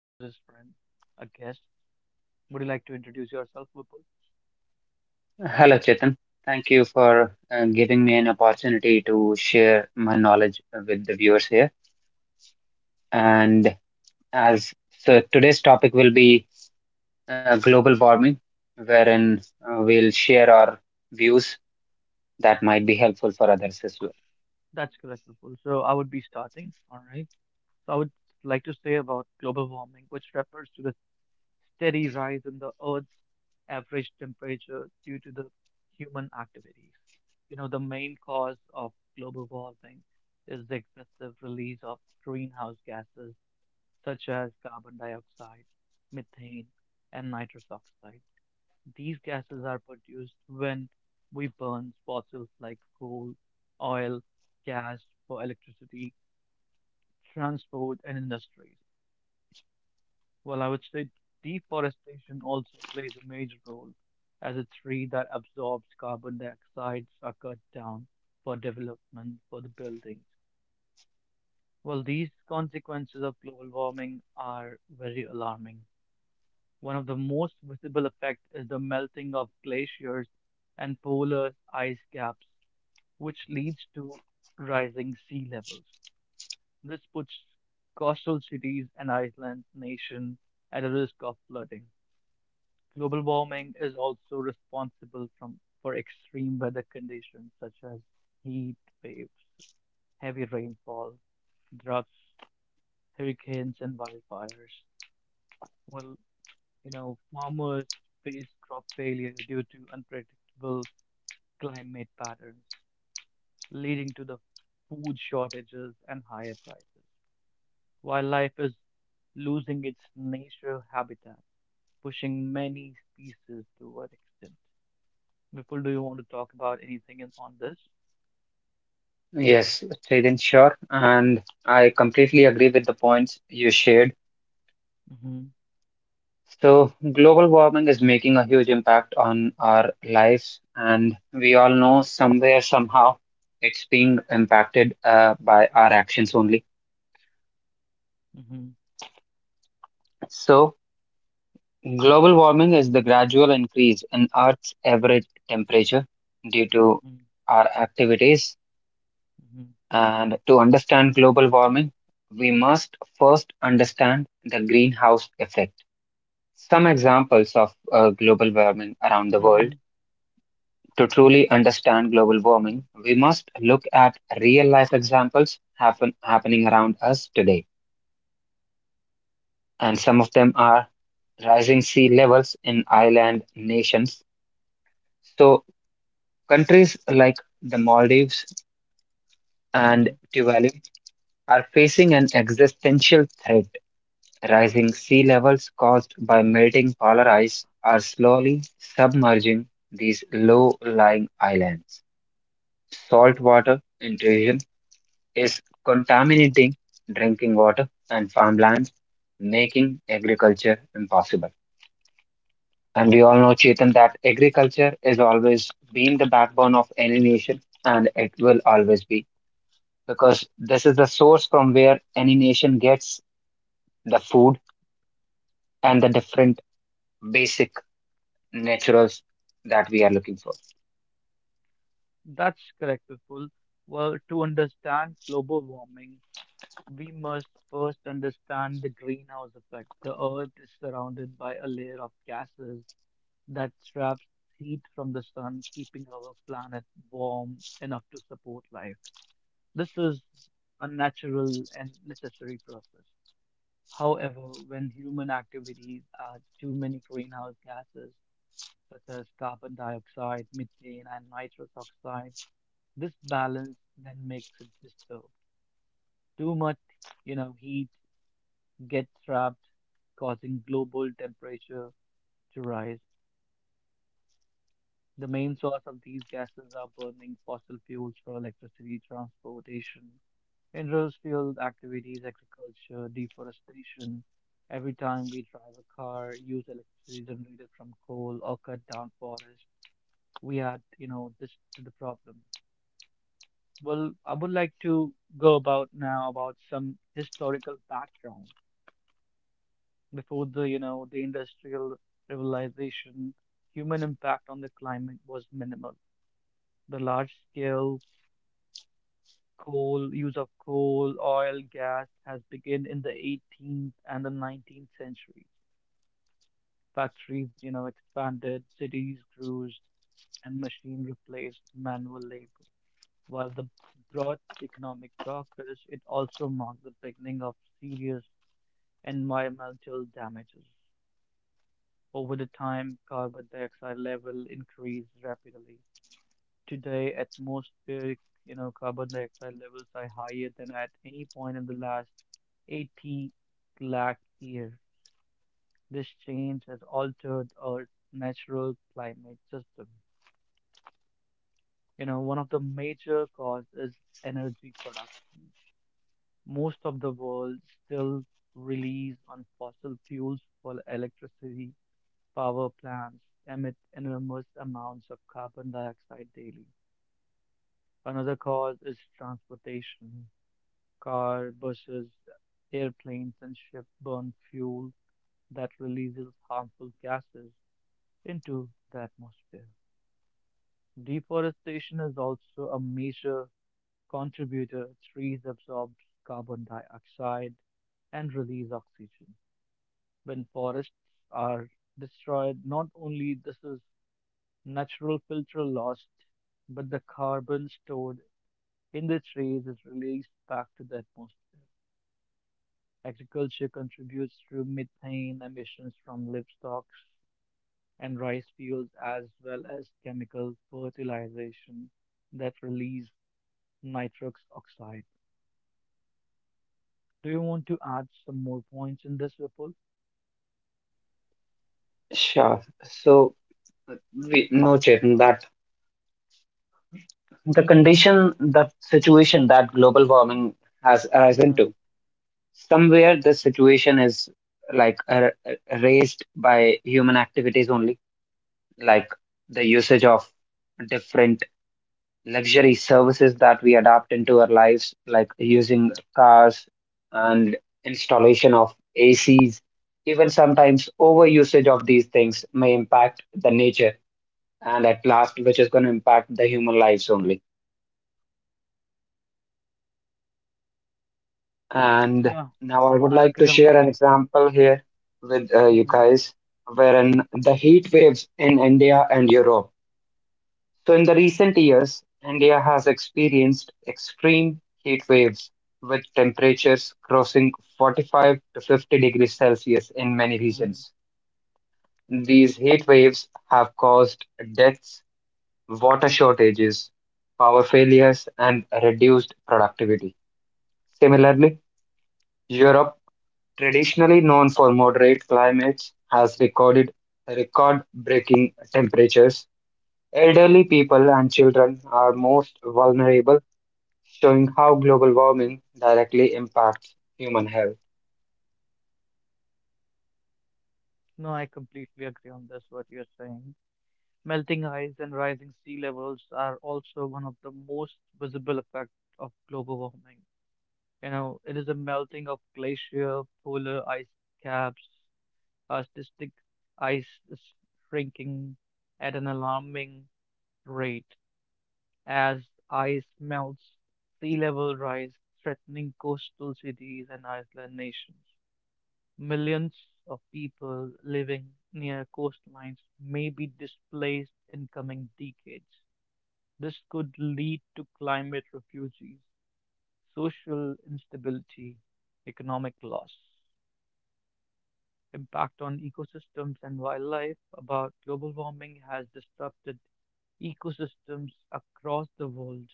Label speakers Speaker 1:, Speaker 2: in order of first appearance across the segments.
Speaker 1: closest friend, a guest. Would you like to introduce yourself, Vipul?
Speaker 2: Hello, Chetan. Thank you for giving me an opportunity to share my knowledge with the viewers here. And as so, today's topic will be global warming, wherein we'll share our views that might be helpful for others as well.
Speaker 1: That's correct, Vipul. So I would be starting. All right. So I would like to say about global warming, which refers to the steady rise in the Earth's average temperature due to the human activities. You know, the main cause of global warming is the excessive release of greenhouse gases such as carbon dioxide, methane, and nitrous oxide. These gases are produced when we burn fossils like coal, oil, gas for electricity, transport, and industries. Well, I would say deforestation also plays a major role, as a tree that absorbs carbon dioxide are cut down for development for the buildings. Well, these consequences of global warming are very alarming. One of the most visible effects is the melting of glaciers and polar ice caps, which leads to rising sea levels. This puts coastal cities and island nations at a risk of flooding. Global warming is also responsible for extreme weather conditions such as heat waves, heavy rainfall, droughts, hurricanes, and wildfires. Well, you know, farmers face crop failure due to unpredictable climate patterns, leading to the food shortages and higher prices. Wildlife is losing its nature habitat, pushing many species toward extinction. Vipul, do you want to talk about anything on this?
Speaker 2: Yes, Chetan, sure. And I completely agree with the points you shared.
Speaker 1: Mm-hmm.
Speaker 2: So, global warming is making a huge impact on our lives, and we all know somewhere, somehow, it's being impacted by our actions only.
Speaker 1: Mm-hmm.
Speaker 2: So, global warming is the gradual increase in Earth's average temperature due to
Speaker 1: Mm-hmm.
Speaker 2: our activities.
Speaker 1: Mm-hmm.
Speaker 2: And to understand global warming, we must first understand the greenhouse effect. Some examples of global warming around the
Speaker 1: Mm-hmm.
Speaker 2: world. To truly understand global warming, we must look at real life examples happening around us today. And some of them are rising sea levels in island nations. So, countries like the Maldives and
Speaker 1: Mm-hmm.
Speaker 2: Tuvalu are facing an existential threat. Rising sea levels caused by melting polar ice are slowly submerging these low lying islands. Saltwater intrusion is contaminating drinking water and farmlands, making agriculture impossible. And we all know, Chetan, that agriculture has always been the backbone of any nation, and it will always be, because this is the source from where any nation gets the food and the different basic naturals that we are looking for.
Speaker 1: That's correct, Vipul. Well, to understand global warming, we must first understand the greenhouse effect. The Earth is surrounded by a layer of gases that traps heat from the sun, keeping our planet warm enough to support life. This is a natural and necessary process. However, when human activities add too many greenhouse gases, such as carbon dioxide, methane, and nitrous oxide, this balance then makes it disturbed. Too much, heat gets trapped, causing global temperature to rise. The main source of these gases are burning fossil fuels for electricity, transportation, industrial activities, agriculture, deforestation. Every time we drive a car, use electricity generated from coal or cut down forest, we add, this to the problem. Well, I would like to go about now about some historical background before the industrial revolution. Human impact on the climate was minimal. The large scale use of coal, oil, gas has begun in the 18th and the 19th centuries. Factories, expanded, cities grew, and machine replaced manual labor. While the brought economic progress, it also marked the beginning of serious environmental damages. Over the time, carbon dioxide level increased rapidly. Today, atmospheric, carbon dioxide levels are higher than at any point in the last 80 lakh years. This change has altered our natural climate system. You know, one of the major cause is energy production. Most of the world still relies on fossil fuels for electricity. Power plants emit enormous amounts of carbon dioxide daily. Another cause is transportation. Car, buses, airplanes, and ships burn fuel that releases harmful gases into the atmosphere. Deforestation is also a major contributor. Trees absorb carbon dioxide and release oxygen. When forests are destroyed, not only this is natural filter lost, but the carbon stored in the trees is released back to the atmosphere. Agriculture contributes through methane emissions from livestock and rice fields, as well as chemical fertilization that release nitrous oxide. Do you want to add some more points in this, Vipul?
Speaker 2: Sure. So we know, Chetan, that the condition, the situation that global warming has arisen
Speaker 1: Hmm.
Speaker 2: to, somewhere the situation is like raised by human activities only, like the usage of different luxury services that we adapt into our lives, like using cars and installation of acs. Even sometimes over usage of these things may impact the nature, and at last which is going to impact the human lives only. And
Speaker 1: Yeah,
Speaker 2: now I would
Speaker 1: I
Speaker 2: like to
Speaker 1: agree on
Speaker 2: share an
Speaker 1: this.
Speaker 2: example here with you
Speaker 1: Hmm.
Speaker 2: guys, wherein the heat waves in India and Europe. So, in the recent years, India has experienced extreme heat waves with temperatures crossing 45 to 50 degrees Celsius in many
Speaker 1: Hmm.
Speaker 2: regions. These heat waves have caused deaths, water shortages, power failures, and reduced productivity. Similarly, Europe, traditionally known for moderate climates, has recorded record-breaking temperatures. Elderly people and children are most vulnerable, showing how global warming directly impacts human health.
Speaker 1: No, I completely agree on this, what you're saying. Melting ice and rising sea levels are also one of the most visible effects of global warming. You know, it is a melting of glacier, polar ice caps, arctic ice is shrinking at an alarming rate. As ice melts, sea level rise, threatening coastal cities and island nations. Millions of people living near coastlines may be displaced in coming decades. This could lead to climate refugees, social instability, economic loss. Impact on ecosystems and wildlife, about global warming has disrupted ecosystems across the world.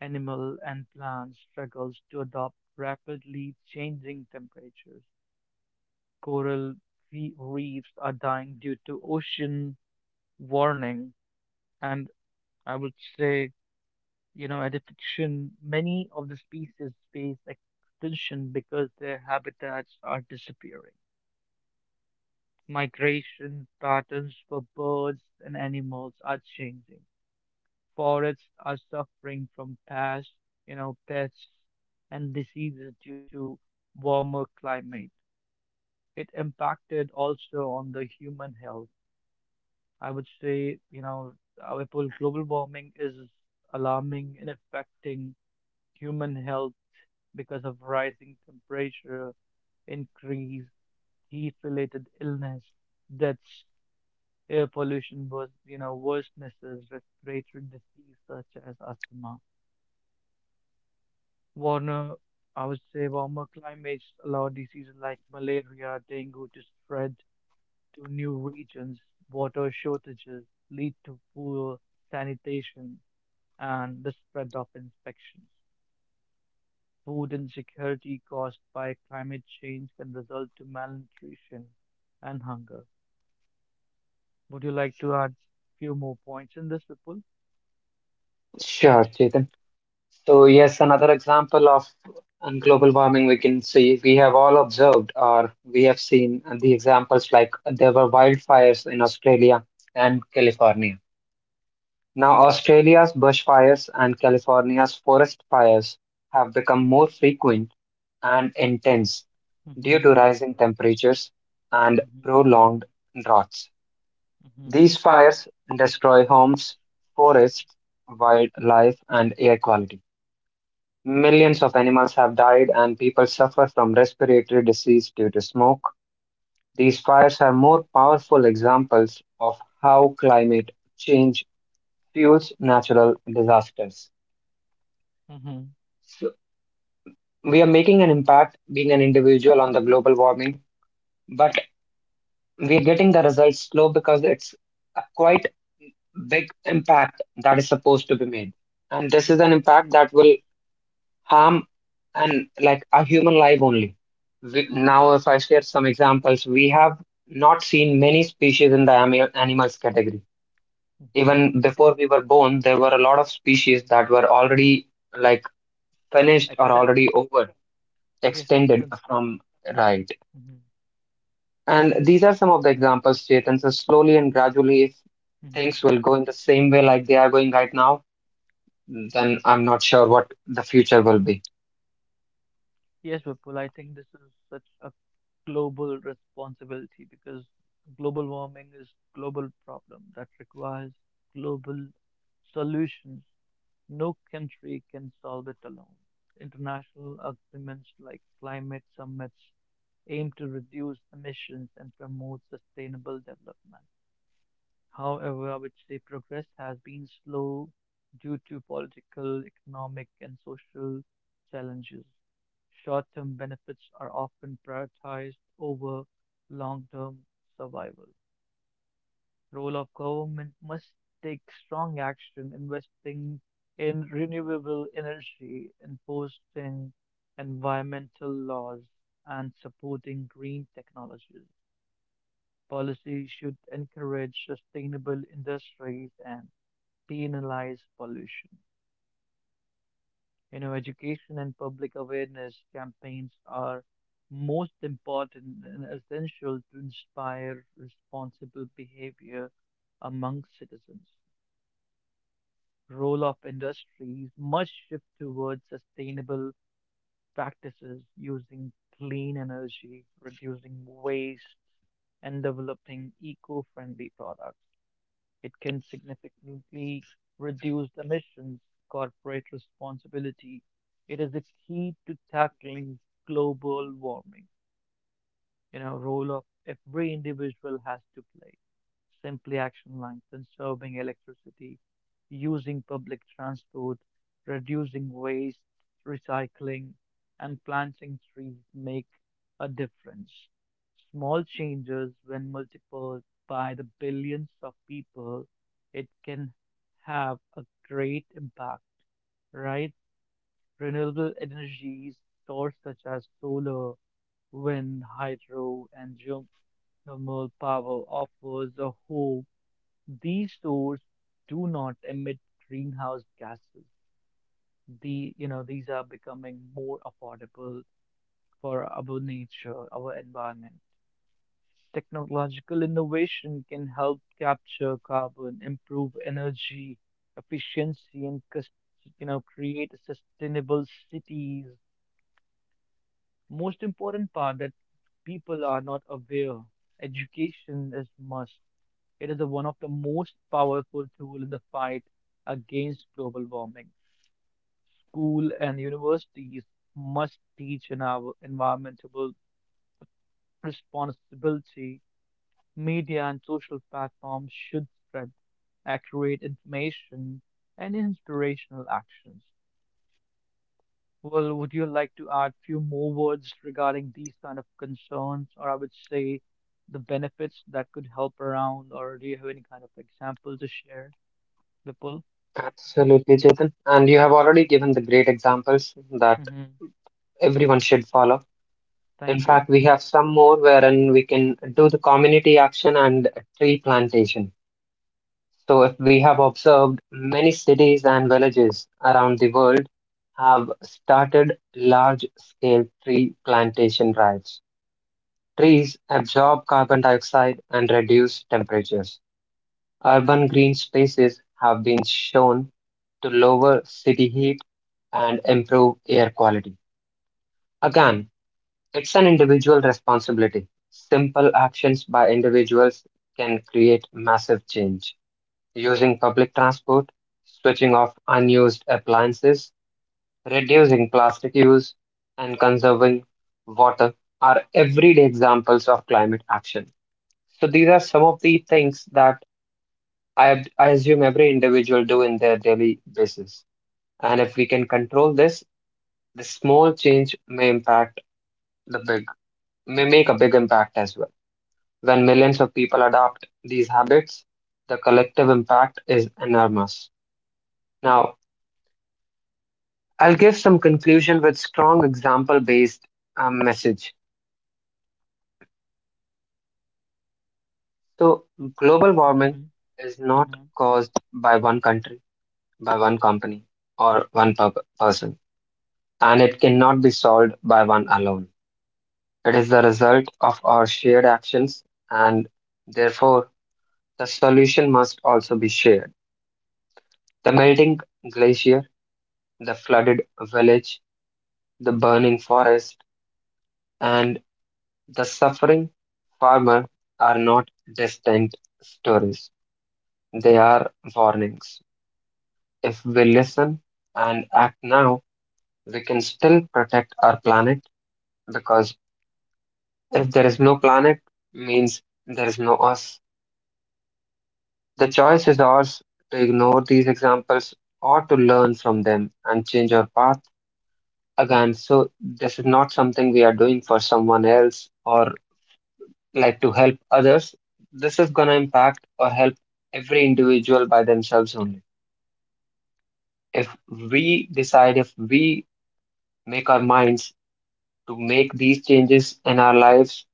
Speaker 1: Animal and plant struggles to adopt rapidly changing temperatures. Coral reefs are dying due to ocean warming, and I would say, adaptation. Many of the species face extinction because their habitats are disappearing. Migration patterns for birds and animals are changing. Forests are suffering from pests and diseases due to warmer climate. It impacted also on the human health. I would say, Vipul, global warming is alarming and affecting human health because of rising temperature, increased heat-related illness, deaths. Air pollution was, worsenesses respiratory disease such as asthma. Warmer, I would say warmer climates allow diseases like malaria, dengue to spread to new regions. Water shortages lead to poor sanitation and the spread of infections. Food insecurity caused by climate change can result to malnutrition and hunger. Would you like to add few more points in this, Vipul?
Speaker 2: Sure, Chetan. So yes, another example of global warming, we can see we have all observed or we have seen the examples like there were wildfires in Australia and California. Now, Australia's bushfires and California's forest fires have become more frequent and intense due
Speaker 1: Mm-hmm,
Speaker 2: to rising temperatures and
Speaker 1: mm-hmm,
Speaker 2: prolonged droughts.
Speaker 1: mm-hmm.
Speaker 2: These fires destroy homes, forests, wildlife, and air quality. Millions of animals have died, and people suffer from respiratory disease due to smoke. These fires are more powerful examples of how climate change fuels natural disasters.
Speaker 1: Mhm,
Speaker 2: So we are making an impact being an individual on the global warming, but we are getting the results slow because it's a quite big impact that is supposed to be made. And this is an impact that will harm and like a human life only. We,
Speaker 1: mhm,
Speaker 2: now, if I share some examples, we have not seen many species in the animals category.
Speaker 1: mhm.
Speaker 2: Even before we were born, there were a lot of species that were already like finished or
Speaker 1: Extent.
Speaker 2: already over
Speaker 1: Yes,
Speaker 2: extended
Speaker 1: extent.
Speaker 2: from, right.
Speaker 1: Mhm,
Speaker 2: And these are some of the examples, Chetan. So slowly and gradually, if
Speaker 1: mhm.
Speaker 2: things will go in the same way like they are going right now, then I'm not sure what the future will be.
Speaker 1: Yes, Vipul, I think this is such a global responsibility because global warming is global problem that requires global solutions. No country can solve it alone. International agreements like climate summits aim to reduce emissions and promote sustainable development. However, I would say progress has been slow due to political, economic, and social challenges. Short term benefits are often prioritized over long term survival. Role of government must take strong action, investing in renewable energy, enforcing environmental laws, and supporting green technologies. Policy should encourage sustainable industries and penalize pollution. You know, education and public awareness campaigns are most important and essential to inspire responsible behavior among citizens. Role of industries must shift towards sustainable practices using clean energy, reducing waste, and developing eco-friendly products. It can significantly reduce emissions, corporate responsibility. It is the key to tackling global warming, role of every individual has to play. Simply action like conserving electricity, using public transport, reducing waste, recycling, and planting trees make a difference. Small changes, when multiplied by the billions of people, it can have a great impact, right? Renewable energies, sources such as solar, wind, hydro, and the moral power offers a hope. These stores do not emit greenhouse gases. The you know these are becoming more affordable for our nature, our environment. Technological innovation can help capture carbon, improve energy efficiency, and create sustainable cities. Most important part that people are not aware. Education is must. It is one of the most powerful tools in the fight against global warming. School and universities must teach in our environmental responsibility. Media and social platforms should spread accurate information and inspirational actions. Well, would you like to add few more words regarding these kind of concerns, or I would say the benefits that could help around, or do you have any kind of example to share, Vipul?
Speaker 2: Absolutely, Chetan. And you have already given the great examples that everyone should follow. In
Speaker 1: Thank you.
Speaker 2: fact, we have some more wherein we can do the community action and tree plantation. So, if we have observed, many cities and villages around the world have started large scale tree plantation drives. Trees absorb carbon dioxide and reduce temperatures. Urban green spaces have been shown to lower city heat and improve air quality. Again, it's an individual responsibility. Simple actions by individuals can create massive change. Using public transport, switching off unused appliances, reducing plastic use, and conserving water are everyday examples of climate action. So these are some of the things that I assume every individual do in their daily basis. And if we can control this, the small change may impact the big, may make a big impact as well. When millions of people adopt these habits, the collective impact is enormous. Now, I'll give some conclusion with strong example-based message. So global warming
Speaker 1: Hmm.
Speaker 2: is not
Speaker 1: Hmm.
Speaker 2: caused by one country, by one company, or one person, and it cannot be solved by one alone. It is the result of our shared actions, and therefore, the solution must also be shared. The melting glacier, the flooded village, the burning forest, and the suffering farmer are not distant stories. They are warnings. If we listen and act now, we can still protect our planet, because if there is no planet, means there is no us. The choice is ours, to ignore these examples or to learn from them and change our path. Again, so this is not something we are doing for someone else or like to help others. This is going to impact or help every individual by themselves only. If we decide, if we make our minds to make these changes in our lives,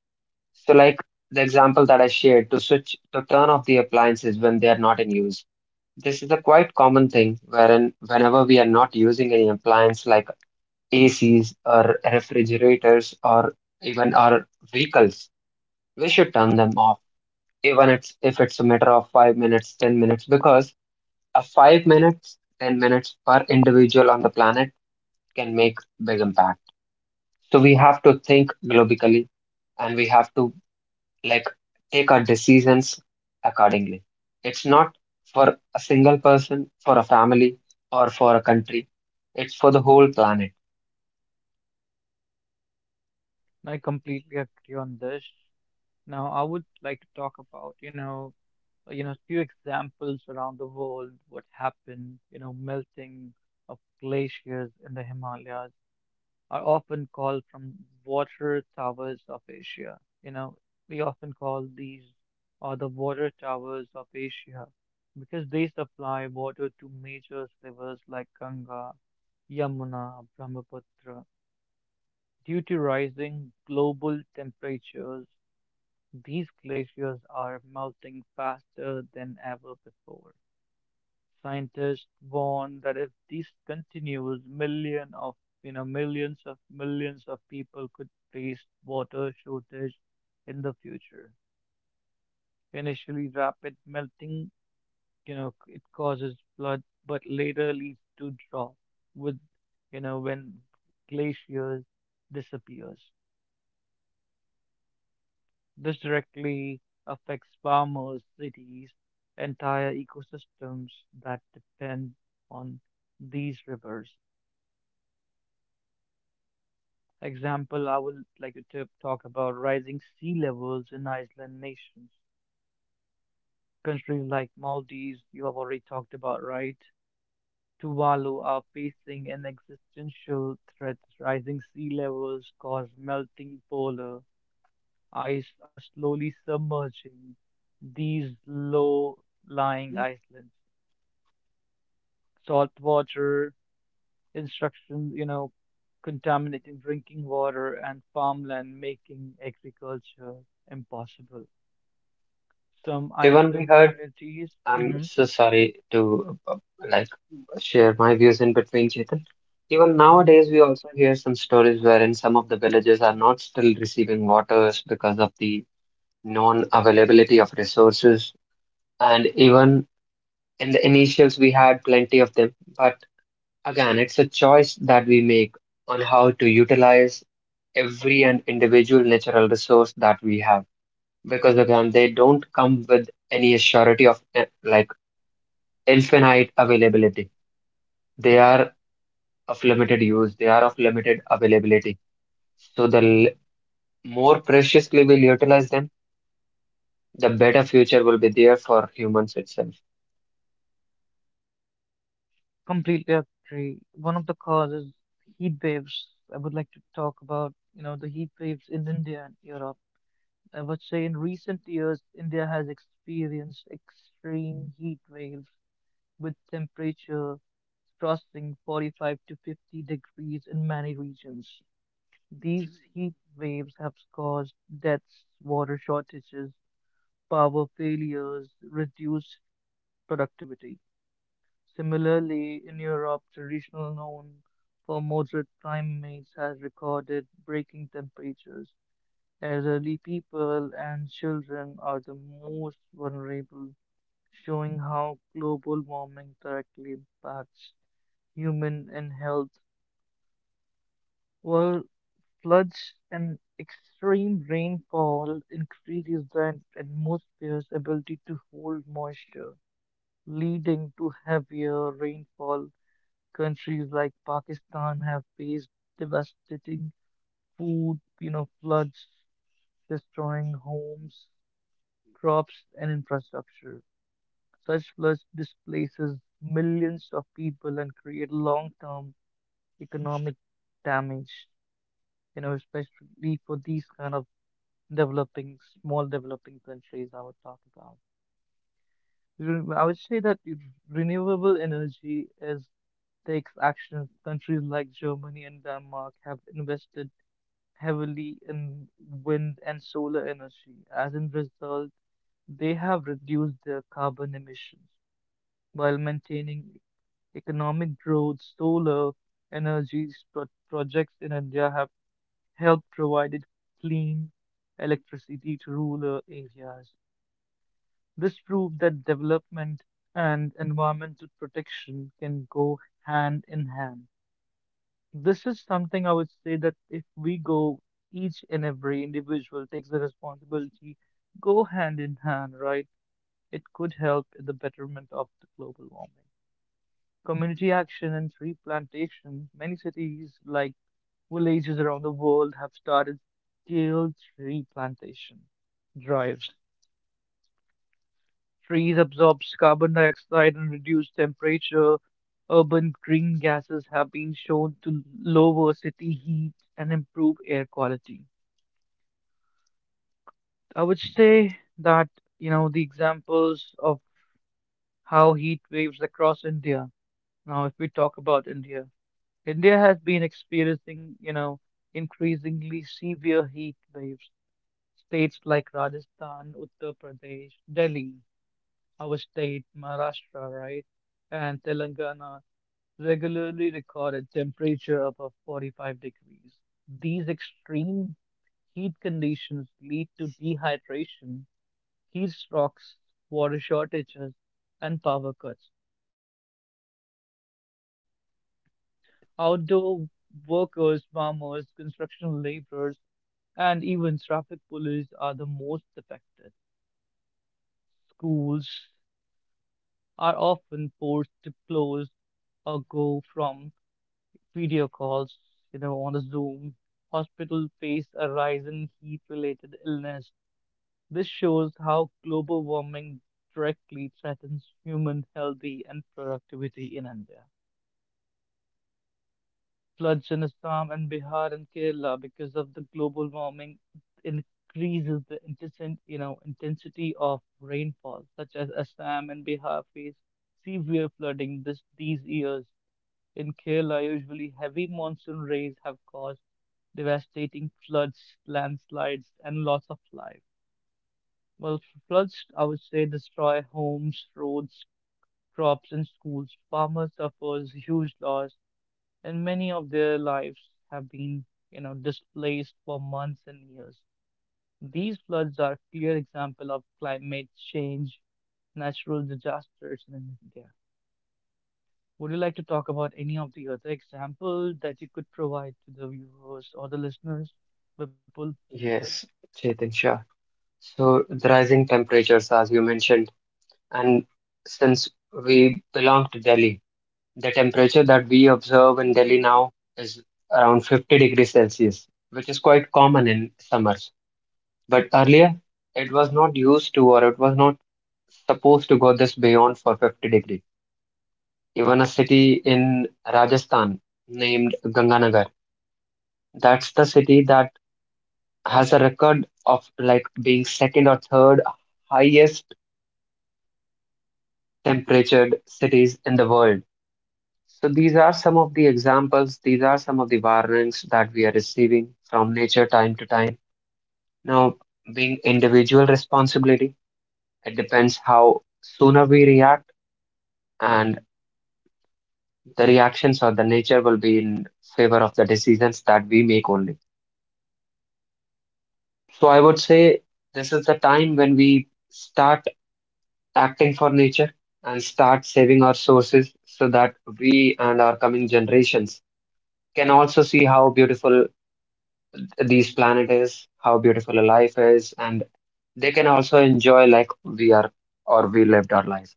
Speaker 2: so like the example that I shared, to turn off the appliances when they are not in use. This is a quite common thing wherein whenever we are not using any appliance like ACs or refrigerators or even our vehicles, we should turn them off. Even it's, if it's a matter of 5 minutes, 10 minutes, because a 5 minutes, 10 minutes per individual on the planet can make big impact. So we have to think globally, and we have to like take our decisions accordingly. It's not for a single person, for a family, or for a country. It's for the whole planet.
Speaker 1: I completely agree on this. Now, I would like to talk about, few examples around the world. What happened, melting of glaciers in the Himalayas are often called from water towers of Asia. You know, we often call these are the water towers of Asia because they supply water to major rivers like Ganga, Yamuna, Brahmaputra. Due to rising global temperatures, these glaciers are melting faster than ever before. Scientists warn that if this continues, million of you know millions of people could face water shortage in the future. Initially, rapid melting, it causes flood, but later leads to drought, with when glaciers disappears. This directly affects farmers, cities, entire ecosystems that depend on these rivers. Example, I would like to talk about rising sea levels in island nations. Countries like Maldives, you have already talked about, right? Tuvalu are facing an existential threat. Rising sea levels cause melting polar ice are slowly submerging these low-lying islands. Salt water, instructions, contaminating drinking water and farmland, making agriculture impossible. Some
Speaker 2: Even we
Speaker 1: Iceland
Speaker 2: heard,
Speaker 1: communities.
Speaker 2: I'm
Speaker 1: Hmm.
Speaker 2: so sorry to like share my views in between, Chetan. Even
Speaker 1: Hmm.
Speaker 2: nowadays, we also hear some stories wherein some of the villages are not still receiving waters because of the non-availability of resources. And even in the initials, we had plenty of them, but again, it's a choice that we make on how to utilize every and individual natural resource that we have. Because again, they don't come with any surety of like infinite availability. They are of limited use, they are of limited availability. So more preciously we'll utilize them, the better future will be there for humans itself.
Speaker 1: Completely agree. One of the causes, heat waves. I would like to talk about, the heat waves in India and Europe. I would say in recent years, India has experienced extreme heat waves with temperature crossing 45 to 50 degrees in many regions. These heat waves have caused deaths, water shortages, power failures, reduced productivity. Similarly, in Europe, traditional known for moderate climates has recorded breaking temperatures. As elderly people and children are the most vulnerable, showing how global warming directly impacts human and health, while floods and extreme rainfall increases the atmosphere's ability to hold moisture, leading to heavier rainfall. Countries like Pakistan have faced devastating floods, destroying homes, crops, and infrastructure. Such floods displaces millions of people and create long-term economic damage. You know, especially for these kind of developing, small developing countries I would talk about. I would say that if renewable energy is takes action. Countries like Germany and Denmark have invested heavily in wind and solar energy. As a result, they have reduced their carbon emissions while maintaining economic growth. Solar energy pro- projects in India have help provided clean electricity to rural areas. This proved that development and environmental protection can go hand in hand. This is something I would say that if we go, each and every individual takes the responsibility, go hand in hand, right? It could help in the betterment of the global warming. Community action and tree plantation, many cities like villages around the world have started scale tree plantation drives. Trees absorb carbon dioxide and reduce temperature. Urban green gases have been shown to lower city heat and improve air quality. I would say that, the examples of how heat waves across India. Now, if we talk about India, India has been experiencing, increasingly severe heat waves states like Rajasthan, Uttar Pradesh, Delhi, our state, Maharashtra, right, and Telangana regularly recorded temperature above 45 degrees. These extreme heat conditions lead to dehydration, heat strokes, water shortages, and power cuts. Outdoor workers, farmers, construction laborers, and even traffic police are the most affected. Schools, are often forced to close or go from video calls, on a Zoom. Hospitals face a rise in heat-related illness. This shows how global warming directly threatens human health and productivity in India. Floods in Assam and Bihar and Kerala because of the global warming increases the intensity, intensity of rainfall, such as Assam and Bihar face severe flooding this these years. In Kerala, usually heavy monsoon rains have caused devastating floods, landslides, and loss of life. Well, floods, I would say, destroy homes, roads, crops, and schools. Farmers suffers huge loss, and many of their lives have been, displaced for months and years. These floods are clear example of climate change, natural disasters in India. Would you like to talk about any of the other examples that you could provide to the viewers or the listeners, Vipul?
Speaker 2: Yes, Chetan, sure. So the rising temperatures, as you mentioned, and since we belong to Delhi, the temperature that we observe in Delhi now is around 50 degrees Celsius, which is quite common in summers. But earlier, it was not used to, or it was not supposed to go this beyond for 50 degrees. Even a city in Rajasthan named Ganganagar, that's the city that has a record of like being second or third highest temperatured cities in the world. So these are some of the examples, these are some of the warnings that we are receiving from nature time to time. Now, being individual responsibility, it depends how sooner we react, and the reactions or the nature will be in favor of the decisions that we make only. So I would say this is the time when we start acting for nature and start saving our sources, so that we and our coming generations can also see how beautiful these planet is, how beautiful a life is, and they can also enjoy like we are or we lived our life.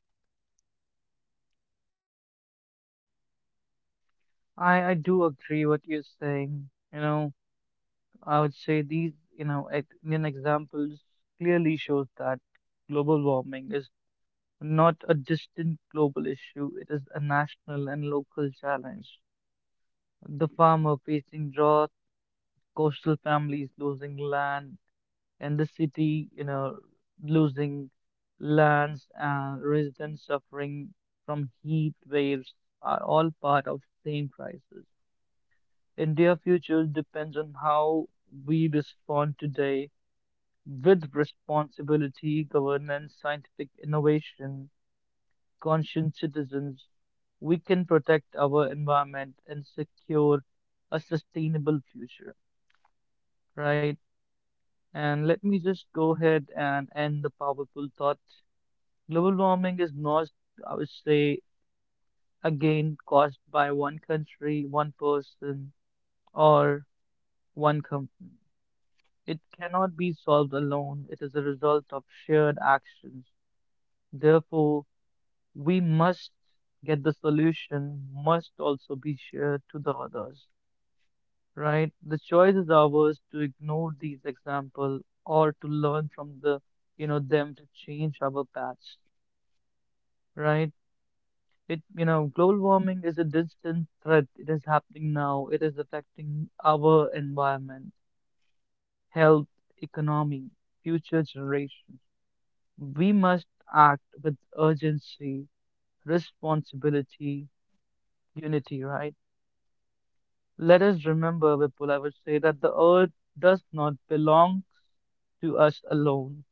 Speaker 1: I do agree what you're saying. You know, I would say these, Indian examples clearly shows that global warming is not a distant global issue. It is a national and local challenge. The farmer facing drought, coastal families losing land, and the city, losing lands and residents suffering from heat waves are all part of the same crisis. India's future depends on how we respond today with responsibility, governance, scientific innovation, conscious citizens. We can protect our environment and secure a sustainable future, right? And let me just go ahead and end the powerful thought. Global warming is not, I would say, again caused by one country, one person, or one company. It cannot be solved alone. It is a result of shared actions. Therefore, we must get the solution, must also be shared to the others, right? The choice is ours to ignore these examples or to learn from them to change our paths, right? Global warming is a distant threat. It is happening now. It is affecting our environment, health, economy, future generations. We must act with urgency, responsibility, unity, right? Let us remember, Vipul, I would say that the earth does not belong to us alone.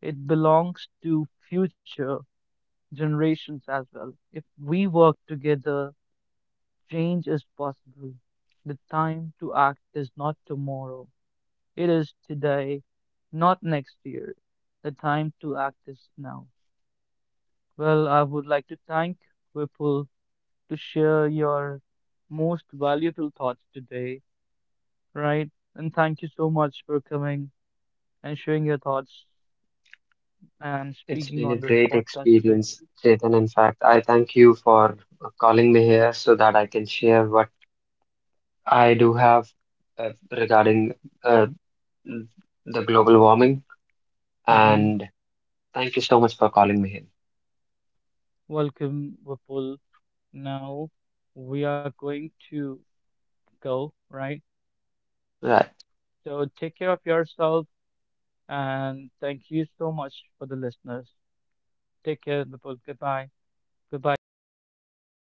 Speaker 1: It belongs to future generations as well. If we work together, change is possible. The time to act is not tomorrow. It is today, not next year. The time to act is now. Well, I would like to thank Whipple to share your most valuable thoughts today, right? And thank you so much for coming and sharing your thoughts and
Speaker 2: It's
Speaker 1: speaking
Speaker 2: been
Speaker 1: on
Speaker 2: a
Speaker 1: this
Speaker 2: great
Speaker 1: podcast today.
Speaker 2: experience, Chetan. In fact, I thank you for calling me here so that I can share what I do have regarding uh, the global warming.
Speaker 1: Hmm.
Speaker 2: And thank you so much for calling me here.
Speaker 1: Welcome, Whipple. Now we are going to go, right?
Speaker 2: Right.
Speaker 1: So take care of yourself. And thank you so much for the listeners. Take care, people. Goodbye. Goodbye to you all.